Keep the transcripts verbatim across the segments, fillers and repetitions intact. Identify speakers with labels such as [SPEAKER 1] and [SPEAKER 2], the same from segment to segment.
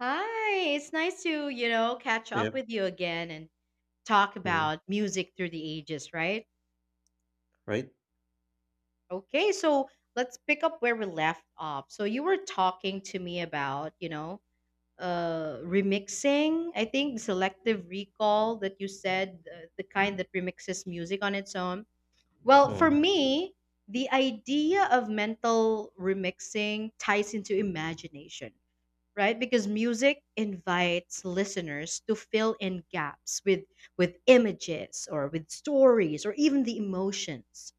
[SPEAKER 1] Hi, it's nice to, you know, catch up
[SPEAKER 2] Yep.
[SPEAKER 1] with you again and talk
[SPEAKER 2] Mm,
[SPEAKER 1] about music through the ages, right?
[SPEAKER 2] right?
[SPEAKER 1] Okay, so let's pick up where we left off. So you were talking to me about, you know, uh remixing, I think selective recall that you said, uh, the kind that remixes music on its own. Well, for
[SPEAKER 2] Mm.
[SPEAKER 1] me, the idea of mental remixing ties into imagination, right? Because music invites listeners to fill in gaps with with images or with stories or even the emotions.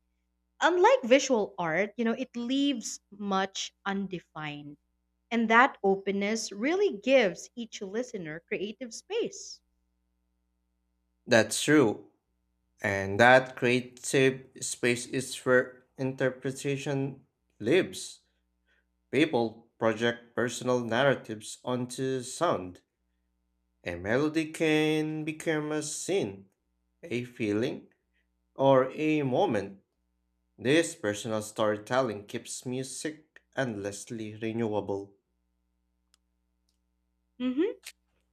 [SPEAKER 1] Unlike visual art, you know, it leaves much undefined. And that openness really gives each listener creative space.
[SPEAKER 2] That's true. And that creative space is where interpretation lives. People project personal narratives onto sound. A melody can become a scene, a feeling, or a moment. This personal storytelling keeps music endlessly renewable.
[SPEAKER 1] Hmm.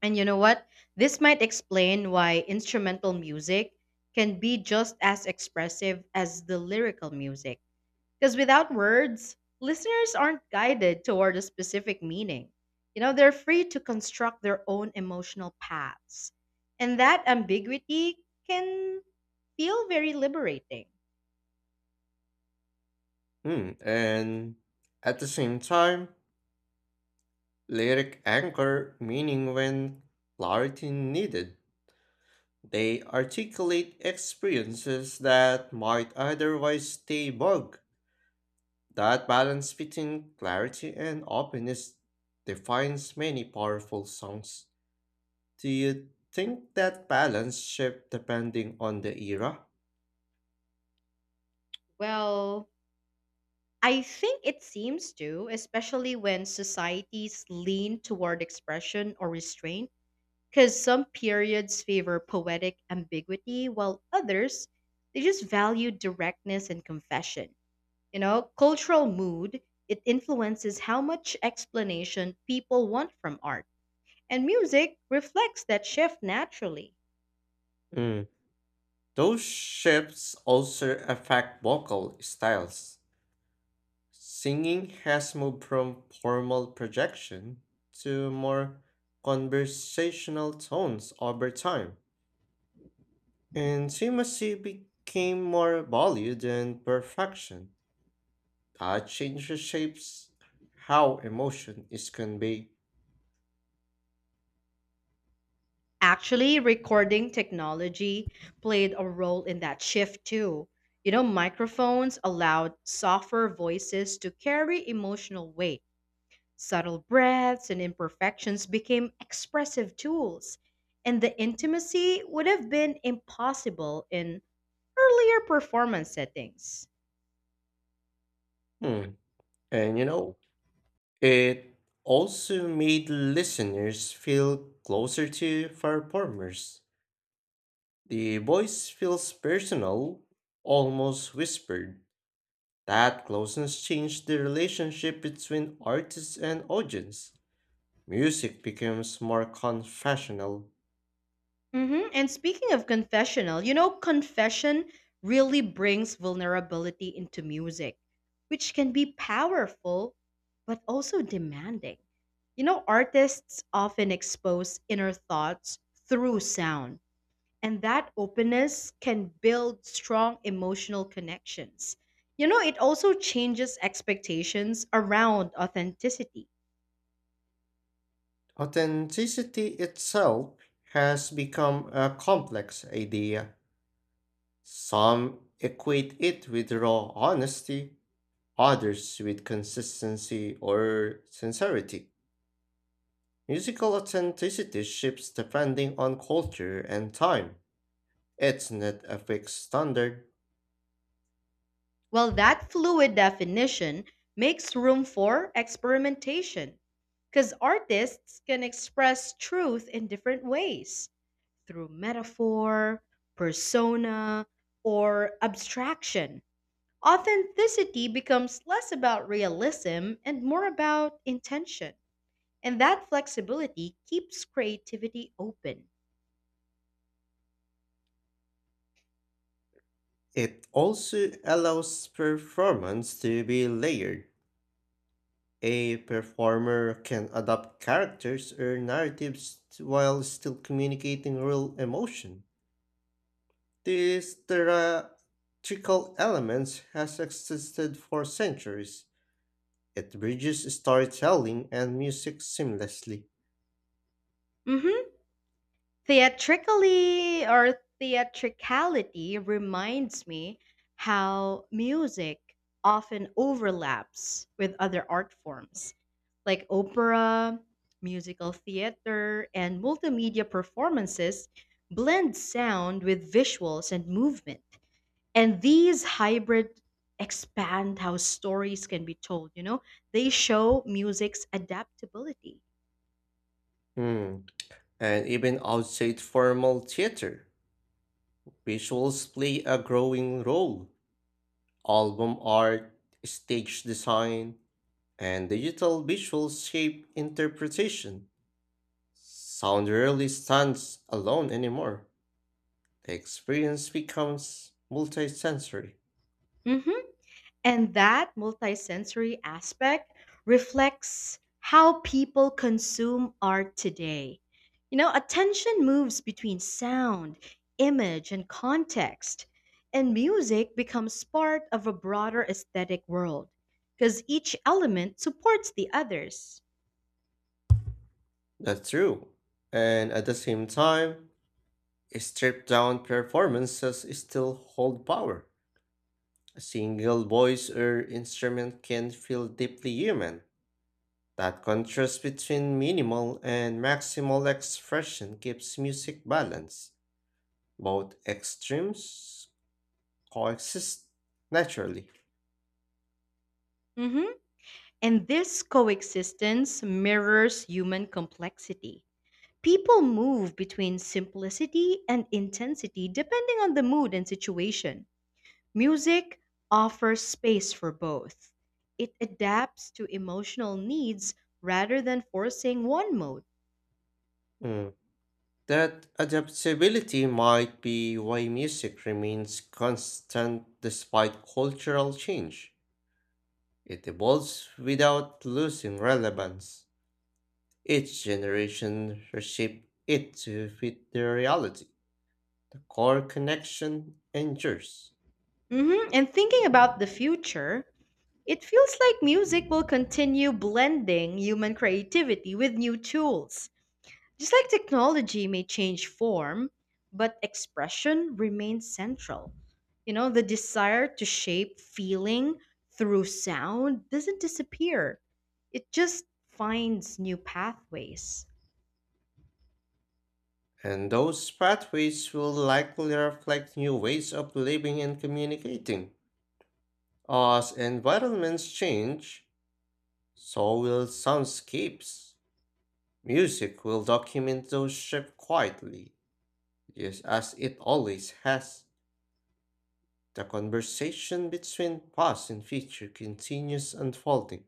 [SPEAKER 1] And you know what? This might explain why instrumental music can be just as expressive as the lyrical music. Because without words, listeners aren't guided toward a specific meaning. You know, they're free to construct their own emotional paths. And that ambiguity can feel very liberating.
[SPEAKER 2] Mm, and at the same time, lyric anchor meaning when clarity needed. They articulate experiences that might otherwise stay vague. That balance between clarity and openness defines many powerful songs. Do you think that balance shift depending on the era?
[SPEAKER 1] Well, I think it seems to, especially when societies lean toward expression or restraint, because some periods favor poetic ambiguity while others, they just value directness and confession. You know, cultural mood, it influences how much explanation people want from art. And music reflects that shift naturally.
[SPEAKER 2] Mm. Those shifts also affect vocal styles. Singing has moved from formal projection to more conversational tones over time, and intimacy became more valued than perfection. That change shapes how emotion is conveyed.
[SPEAKER 1] Actually, recording technology played a role in that shift too. You know, microphones allowed softer voices to carry emotional weight. Subtle breaths and imperfections became expressive tools, and the intimacy would have been impossible in earlier performance settings.
[SPEAKER 2] Hmm, And you know, it also made listeners feel closer to performers. The voice feels personal, almost whispered. That closeness changed the relationship between artist and audience. Music becomes more confessional.
[SPEAKER 1] Hmm. And speaking of confessional, you know, confession really brings vulnerability into music, which can be powerful but also demanding. You know, artists often expose inner thoughts through sound, and that openness can build strong emotional connections. You know, it also changes expectations around authenticity.
[SPEAKER 2] Authenticity itself has become a complex idea. Some equate it with raw honesty, others with consistency or sincerity. Musical authenticity shifts depending on culture and time. It's not a fixed standard.
[SPEAKER 1] Well, that fluid definition makes room for experimentation because artists can express truth in different ways through metaphor, persona, or abstraction. Authenticity becomes less about realism and more about intention, and that flexibility keeps creativity open.
[SPEAKER 2] It also allows performance to be layered. A performer can adapt characters or narratives t- while still communicating real emotion. These theatrical elements has existed for centuries. It bridges storytelling and music seamlessly.
[SPEAKER 1] Mhm. Theatrically or theatricality reminds me how music often overlaps with other art forms like opera, musical theater, and multimedia performances blend sound with visuals and movement. And these hybrid expand how stories can be told, you know? They show music's adaptability.
[SPEAKER 2] Hmm. And even outside formal theater, visuals play a growing role. Album art, stage design, and digital visuals shape interpretation. Sound rarely stands alone anymore. The experience becomes multisensory.
[SPEAKER 1] Mhm. And that multisensory aspect reflects how people consume art today. You know, attention moves between sound, image, and context, and music becomes part of a broader aesthetic world because each element supports the others.
[SPEAKER 2] That's true. And at the same time, stripped down performances still hold power. A single voice or instrument can feel deeply human. That contrast between minimal and maximal expression gives music balance. Both extremes coexist naturally.
[SPEAKER 1] Mhm. And this coexistence mirrors human complexity. People move between simplicity and intensity depending on the mood and situation. Music offers space for both. It adapts to emotional needs rather than forcing one mode.
[SPEAKER 2] Mm. That adaptability might be why music remains constant despite cultural change. It evolves without losing relevance. Each generation reshapes it to fit their reality. The core connection endures.
[SPEAKER 1] Hmm. And thinking about the future, it feels like music will continue blending human creativity with new tools. Just like technology may change form, but expression remains central. You know, the desire to shape feeling through sound doesn't disappear, it just finds new pathways.
[SPEAKER 2] And those pathways will likely reflect new ways of living and communicating. As environments change, so will soundscapes. Music will document those shifts quietly, just as it always has. The conversation between past and future continues unfolding.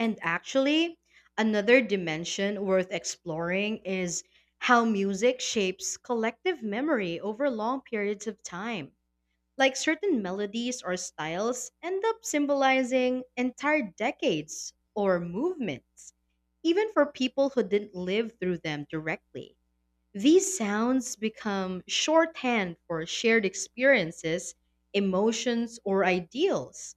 [SPEAKER 1] And actually, another dimension worth exploring is how music shapes collective memory over long periods of time. Like certain melodies or styles end up symbolizing entire decades or movements, even for people who didn't live through them directly. These sounds become shorthand for shared experiences, emotions, or ideals.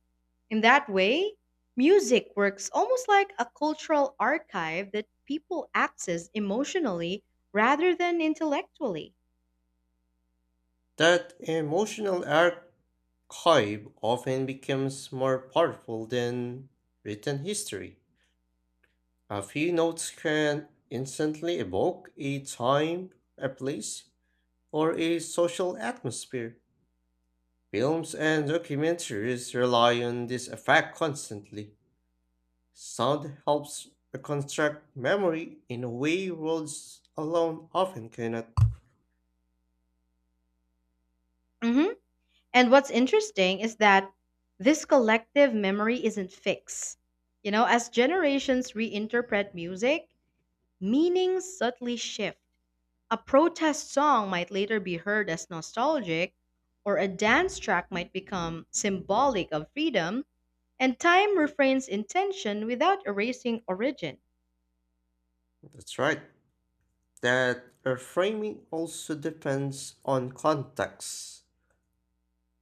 [SPEAKER 1] In that way, music works almost like a cultural archive that people access emotionally rather than intellectually.
[SPEAKER 2] That emotional archive often becomes more powerful than written history. A few notes can instantly evoke a time, a place, or a social atmosphere. Films and documentaries rely on this effect constantly. Sound helps reconstruct memory in a way words alone often cannot.
[SPEAKER 1] Mhm. And what's interesting is that this collective memory isn't fixed. You know, as generations reinterpret music, meanings subtly shift. A protest song might later be heard as nostalgic, or a dance track might become symbolic of freedom, and time refrains intention without erasing origin.
[SPEAKER 2] That's right. That reframing also depends on context.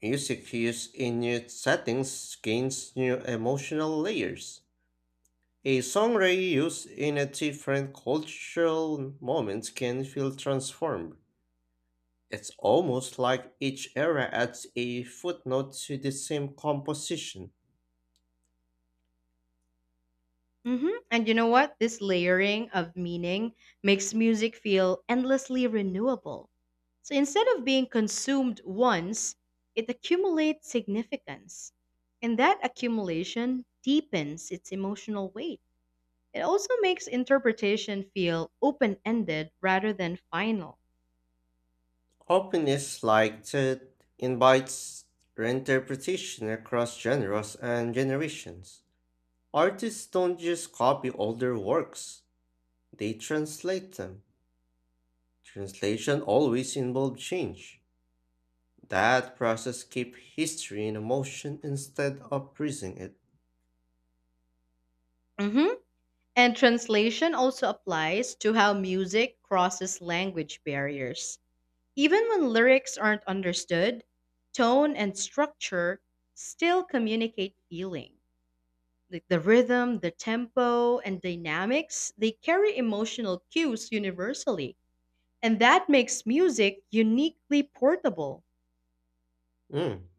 [SPEAKER 2] Music used in new settings gains new emotional layers. A song reused in a different cultural moment can feel transformed. It's almost like each era adds a footnote to the same composition.
[SPEAKER 1] Hmm. And you know what? This layering of meaning makes music feel endlessly renewable. So instead of being consumed once, it accumulates significance. And that accumulation deepens its emotional weight. It also makes interpretation feel open ended rather than final.
[SPEAKER 2] Openness like that invites reinterpretation across genres and generations. Artists don't just copy older works, they translate them. Translation always involves change. That process keeps history in motion instead of freezing it.
[SPEAKER 1] Hmm. And translation also applies to how music crosses language barriers. Even when lyrics aren't understood, tone and structure still communicate feeling. Like the rhythm, the tempo, and dynamics, they carry emotional cues universally. And that makes music uniquely portable.
[SPEAKER 2] Mm.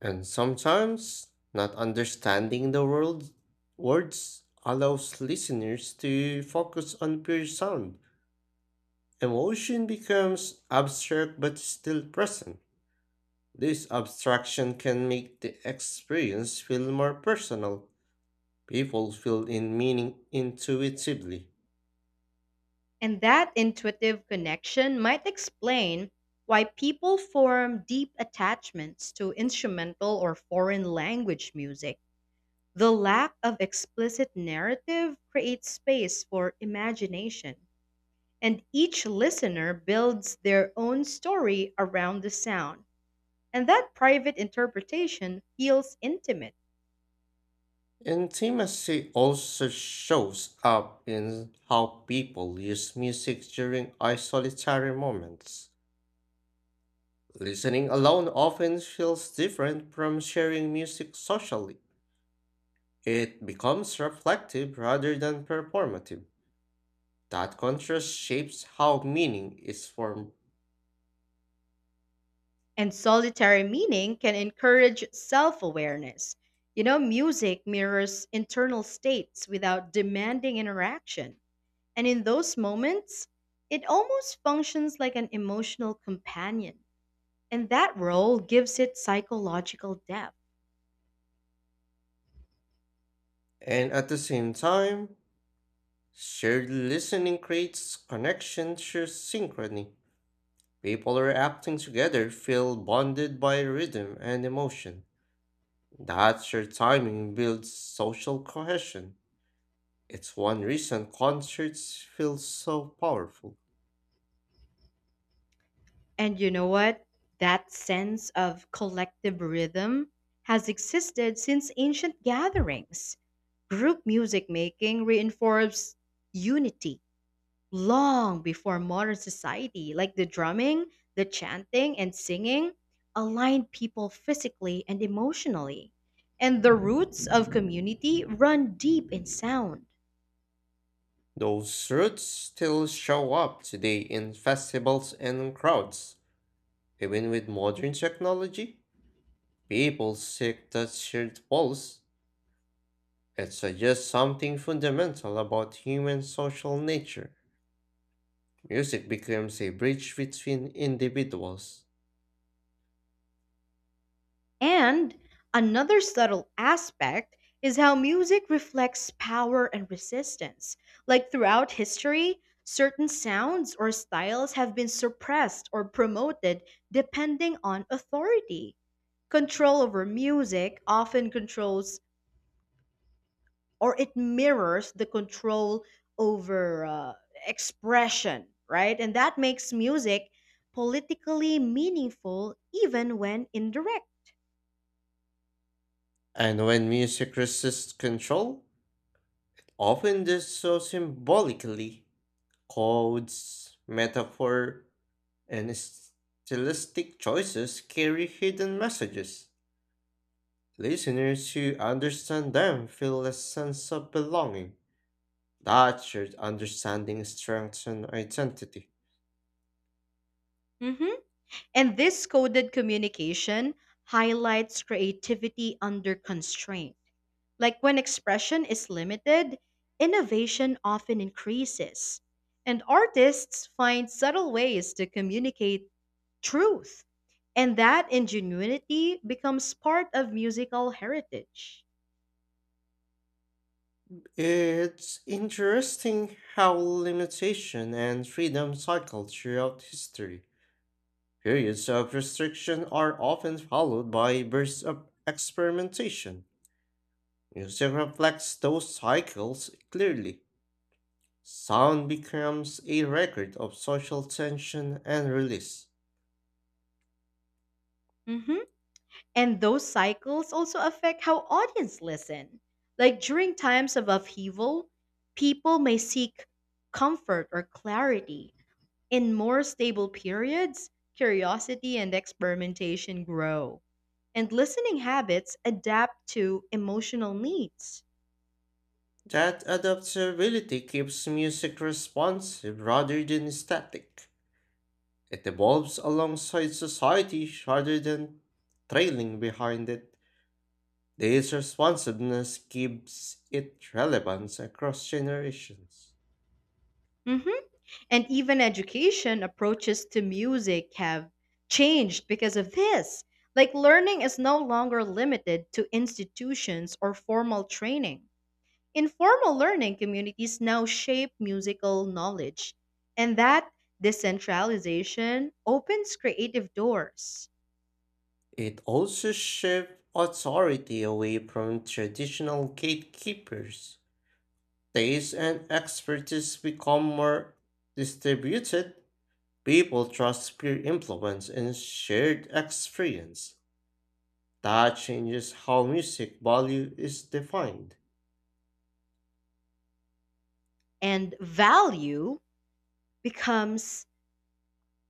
[SPEAKER 2] And sometimes not understanding the world words allows listeners to focus on pure sound. Emotion becomes abstract but still present. This abstraction can make the experience feel more personal. People feel in meaning intuitively.
[SPEAKER 1] And that intuitive connection might explain why people form deep attachments to instrumental or foreign language music. The lack of explicit narrative creates space for imagination, and each listener builds their own story around the sound. And that private interpretation feels intimate.
[SPEAKER 2] Intimacy also shows up in how people use music during isolatory moments. Listening alone often feels different from sharing music socially. It becomes reflective rather than performative. That contrast shapes how meaning is formed.
[SPEAKER 1] And solitary meaning can encourage self awareness. You know, music mirrors internal states without demanding interaction. And in those moments, it almost functions like an emotional companion. And that role gives it psychological depth.
[SPEAKER 2] And at the same time, shared listening creates connection through synchrony. People who are acting together feel bonded by rhythm and emotion. That shared timing builds social cohesion. It's one reason concerts feel so powerful.
[SPEAKER 1] And you know what? That sense of collective rhythm has existed since ancient gatherings. Group music making reinforced unity long before modern society, like the drumming, the chanting, and singing aligned people physically and emotionally. And the roots of community run deep in sound.
[SPEAKER 2] Those roots still show up today in festivals and crowds. Even with modern technology, people seek that shared pulse. It suggests something fundamental about human social nature. Music becomes a bridge between individuals.
[SPEAKER 1] And another subtle aspect is how music reflects power and resistance. Like throughout history, certain sounds or styles have been suppressed or promoted depending on authority. Control over music often controls or it mirrors the control over uh, expression, right? And that makes music politically meaningful even when indirect.
[SPEAKER 2] And when music resists control, often does so symbolically, codes, metaphor, and stylistic choices carry hidden messages. Listeners who understand them feel a sense of belonging. That shared understanding strengthens identity.
[SPEAKER 1] Mhm. And this coded communication highlights creativity under constraint. Like when expression is limited, innovation often increases. And artists find subtle ways to communicate truth. And that ingenuity becomes part of musical heritage.
[SPEAKER 2] It's interesting how limitation and freedom cycle throughout history. Periods of restriction are often followed by bursts of experimentation. Music reflects those cycles clearly. Sound becomes a record of social tension and release.
[SPEAKER 1] Mhm. And those cycles also affect how audience listen. Like during times of upheaval, people may seek comfort or clarity. In more stable periods, curiosity and experimentation grow, and listening habits adapt to emotional needs.
[SPEAKER 2] That adaptability keeps music responsive rather than static. It evolves alongside society rather than trailing behind it. This responsiveness gives it relevance across generations.
[SPEAKER 1] Mhm. And even education approaches to music have changed because of this. Like, learning is no longer limited to institutions or formal training. Informal learning communities now shape musical knowledge, and that decentralization opens creative doors.
[SPEAKER 2] It also shifts authority away from traditional gatekeepers. Taste and expertise become more distributed. People trust peer influence and shared experience. That changes how music value is defined.
[SPEAKER 1] And value becomes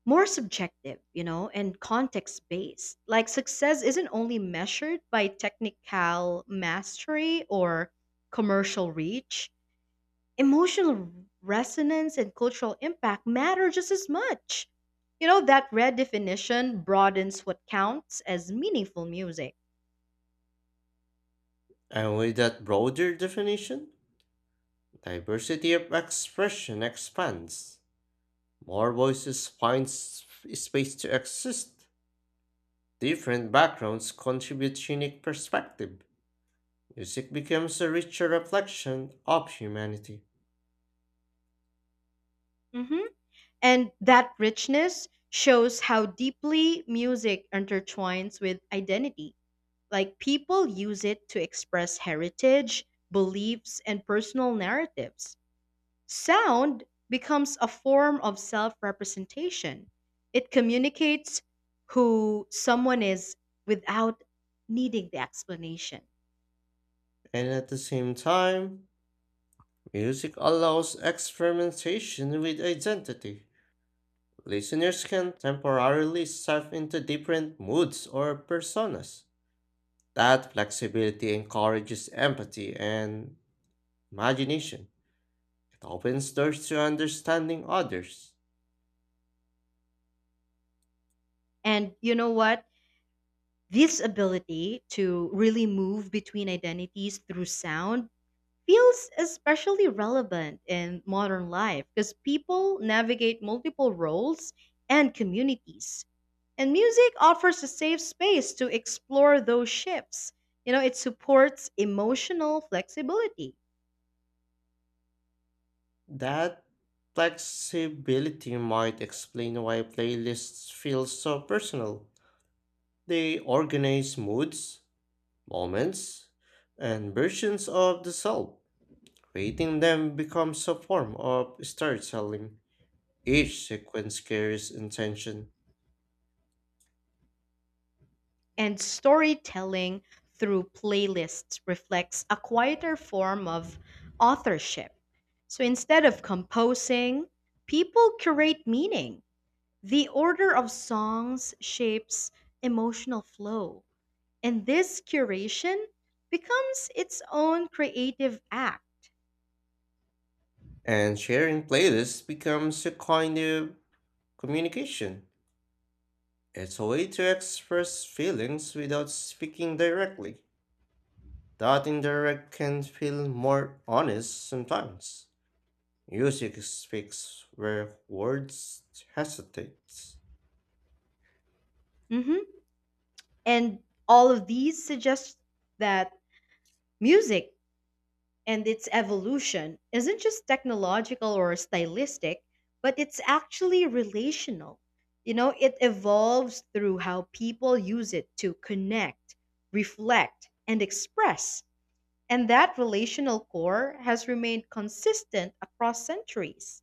[SPEAKER 1] more subjective, you know, and context based. Like success isn't only measured by technical mastery or commercial reach, emotional resonance and cultural impact matter just as much. You know, that redefinition broadens what counts as meaningful music.
[SPEAKER 2] And with that broader definition, diversity of expression expands. More voices find s- space to exist. Different backgrounds contribute unique perspective. Music becomes a richer reflection of humanity.
[SPEAKER 1] Hmm. And that richness shows how deeply music intertwines with identity. Like people use it to express heritage, beliefs, and personal narratives. Sound becomes a form of self representation, it communicates who someone is without needing the explanation.
[SPEAKER 2] And at the same time, music allows experimentation with identity. Listeners can temporarily shift into different moods or personas. That flexibility encourages empathy and imagination. It opens doors to understanding others.
[SPEAKER 1] And you know what? This ability to really move between identities through sound feels especially relevant in modern life because people navigate multiple roles and communities. And music offers a safe space to explore those shifts. You know, it supports emotional flexibility.
[SPEAKER 2] That flexibility might explain why playlists feel so personal. They organize moods, moments, and versions of the self. Creating them becomes a form of storytelling. Each sequence carries intention,
[SPEAKER 1] And storytelling through playlists reflects a quieter form of authorship. So instead of composing, people curate meaning. The order of songs shapes emotional flow. And this curation becomes its own creative act.
[SPEAKER 2] and sharing playlists becomes a kind of communication. It's a way to express feelings without speaking directly. That indirect can feel more honest sometimes. Music speaks where words hesitate.
[SPEAKER 1] Mhm. And all of these suggest that music and its evolution isn't just technological or stylistic, but it's actually relational. You know, it evolves through how people use it to connect, reflect, and express. And that relational core has remained consistent across centuries.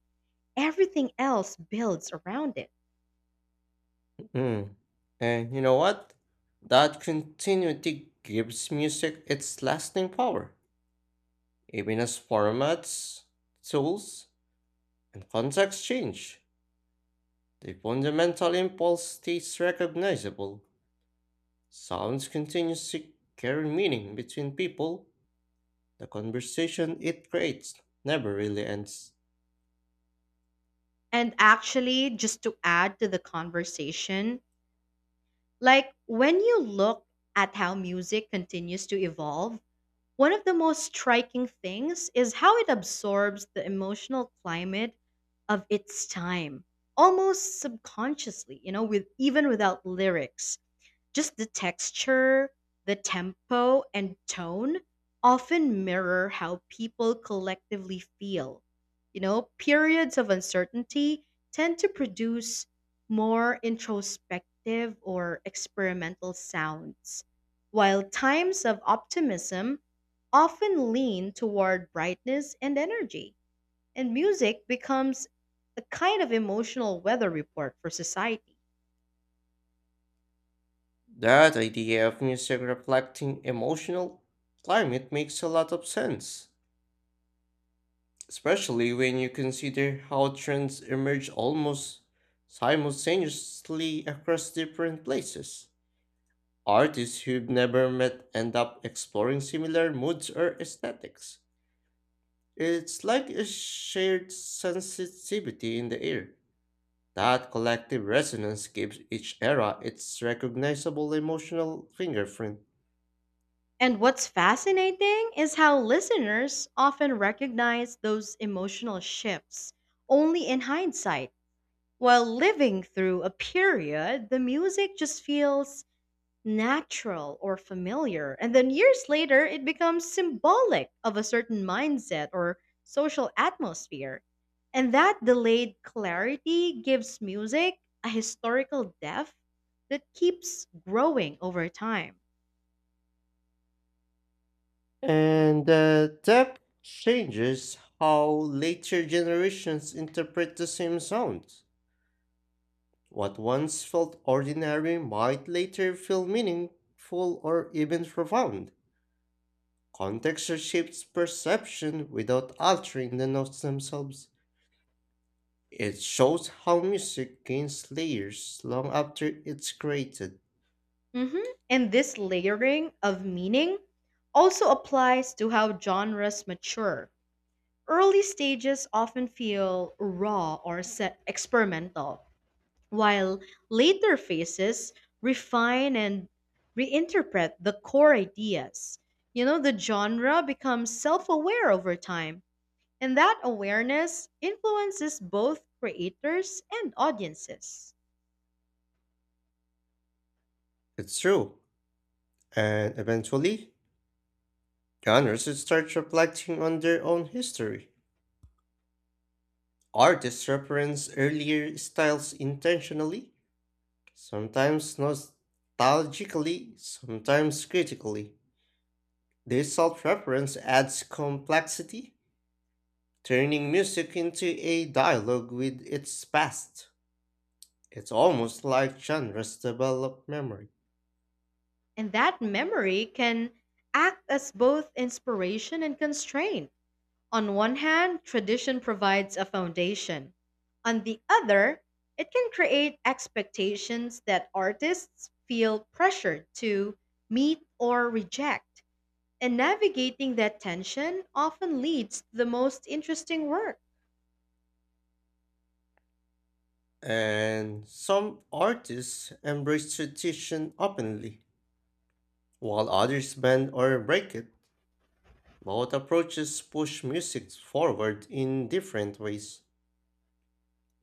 [SPEAKER 1] Everything else builds around it.
[SPEAKER 2] Mm. And you know what? That continuity gives music its lasting power. Even as formats, tools, and contexts change. The fundamental impulse stays recognizable. Sounds continues to carry meaning between people. The conversation it creates never really ends.
[SPEAKER 1] And actually, just to add to the conversation, like when you look at how music continues to evolve, one of the most striking things is how it absorbs the emotional climate of its time, almost subconsciously, you know, with even without lyrics just the texture, the tempo, and tone often mirror how people collectively feel. You know, periods of uncertainty tend to produce more introspective or experimental sounds, while times of optimism often lean toward brightness and energy. And music becomes a kind of emotional weather report for society.
[SPEAKER 2] That idea of music reflecting emotional climate makes a lot of sense, especially when you consider how trends emerge almost simultaneously across different places. Artists who've never met end up exploring similar moods or aesthetics. It's like a shared sensitivity in the air. That collective resonance gives each era its recognizable emotional fingerprint.
[SPEAKER 1] And what's fascinating is how listeners often recognize those emotional shifts only in hindsight. While living through a period, the music just feels natural or familiar. And then years later, it becomes symbolic of a certain mindset or social atmosphere. And that delayed clarity gives music a historical depth that keeps growing over time.
[SPEAKER 2] And the depth changes how later generations interpret the same sounds. What once felt ordinary might later feel meaningful or even profound. Context shapes perception without altering the notes themselves. It shows how music gains layers long after it's created.
[SPEAKER 1] Mhm. And this layering of meaning also applies to how genres mature. Early stages often feel raw or se- experimental, while later phases refine and reinterpret the core ideas. You know, the genre becomes self aware over time, and that awareness influences both creators and audiences.
[SPEAKER 2] It's true, and eventually, genres start reflecting on their own history. Artists reference earlier styles intentionally, sometimes nostalgically, sometimes critically. This self reference adds complexity turning music into a dialogue with its past. It's almost like genres develop memory.
[SPEAKER 1] And that memory can act as both inspiration and constraint. On one hand, tradition provides a foundation. On the other, it can create expectations that artists feel pressured to meet or reject. And navigating that tension often leads to the most interesting work.
[SPEAKER 2] And some artists embrace tradition openly, while others bend or break it. Both approaches push music forward in different ways.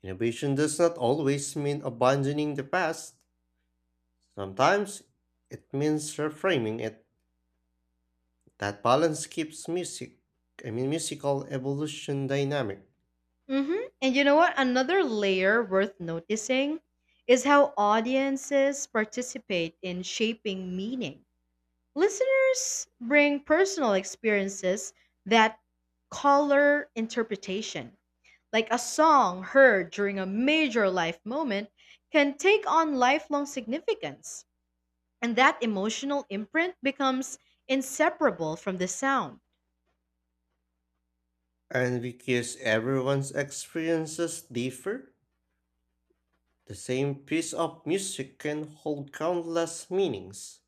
[SPEAKER 2] Innovation does not always mean abandoning the past. Sometimes it means reframing it. That balance keeps music, I mean musical evolution dynamic.
[SPEAKER 1] Mhm. And you know what? Another layer worth noticing is how audiences participate in shaping meaning. Listeners bring personal experiences that color interpretation. Like a song heard during a major life moment can take on lifelong significance. And that emotional imprint becomes inseparable from the sound.
[SPEAKER 2] And because everyone's experiences differ, the same piece of music can hold countless meanings.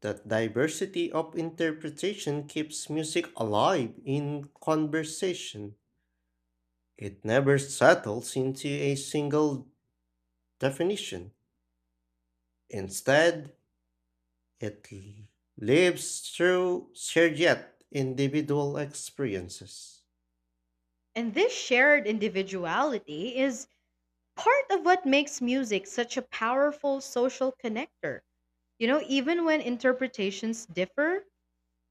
[SPEAKER 2] That diversity of interpretation keeps music alive in conversation. It never settles into a single definition. Instead, it l- lives through shared yet individual experiences.
[SPEAKER 1] And this shared individuality is part of what makes music such a powerful social connector. You know, even when interpretations differ,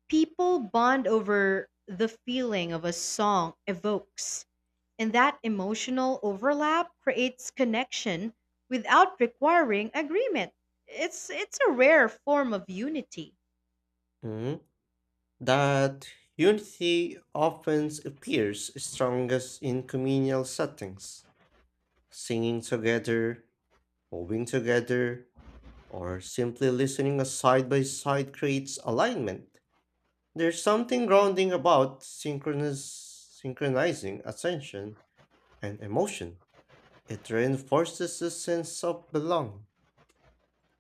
[SPEAKER 1] people bond over the feeling of a song evokes, and that emotional overlap creates connection without requiring agreement. It's it's a rare form of unity.
[SPEAKER 2] Hmm? That unity often appears strongest in communal settings, singing together, moving together, or simply listening side by side creates alignment. There's something grounding about synchronous, synchronizing attention and emotion. It reinforces a sense of belonging.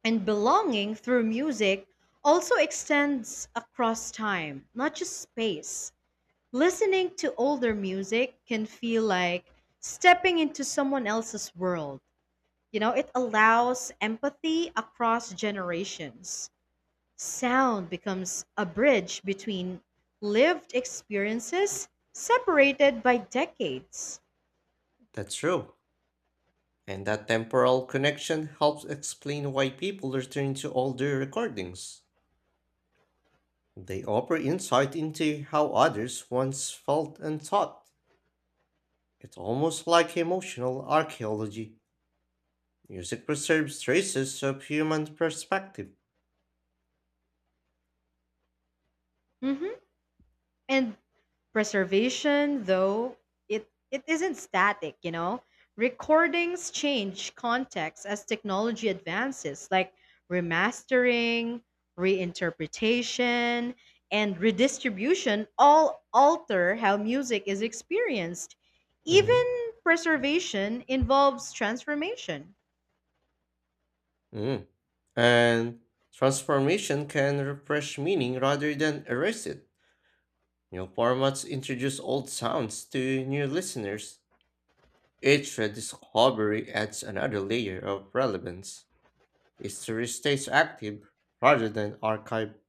[SPEAKER 1] And belonging through music also extends across time, not just space. Listening to older music can feel like stepping into someone else's world. You know, it allows empathy across generations. Sound becomes a bridge between lived experiences separated by decades.
[SPEAKER 2] That's true. And that temporal connection helps explain why people return to older recordings. They offer insight into how others once felt and thought. It's almost like emotional archaeology. Music preserves traces of human perspective.
[SPEAKER 1] Mhm. And preservation, though, it, it isn't static, you know? Recordings change context as technology advances, like remastering, reinterpretation, and redistribution all alter how music is experienced. Even
[SPEAKER 2] Mhm.
[SPEAKER 1] preservation involves transformation.
[SPEAKER 2] Mm. And transformation can refresh meaning rather than erase it. New formats introduce old sounds to new listeners. Each discovery adds another layer of relevance. History stays active rather than archived.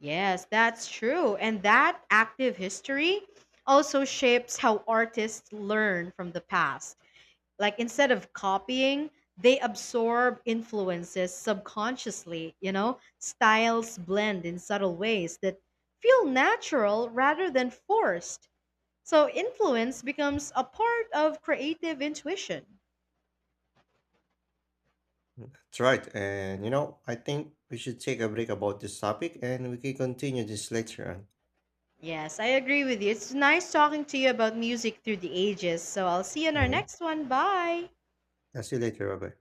[SPEAKER 1] Yes, that's true. And that active history also shapes how artists learn from the past. Like instead of copying, they absorb influences subconsciously, you know? Styles blend in subtle ways that feel natural rather than forced. So influence becomes a part of creative intuition.
[SPEAKER 2] That's right. And you know, I think we should take a break about this topic and we can continue this later on.
[SPEAKER 1] Yes, I agree with you. It's nice talking to you about music through the ages. So I'll see you in our
[SPEAKER 2] Mhm.
[SPEAKER 1] next one. Bye.
[SPEAKER 2] I'll see you later, Robert.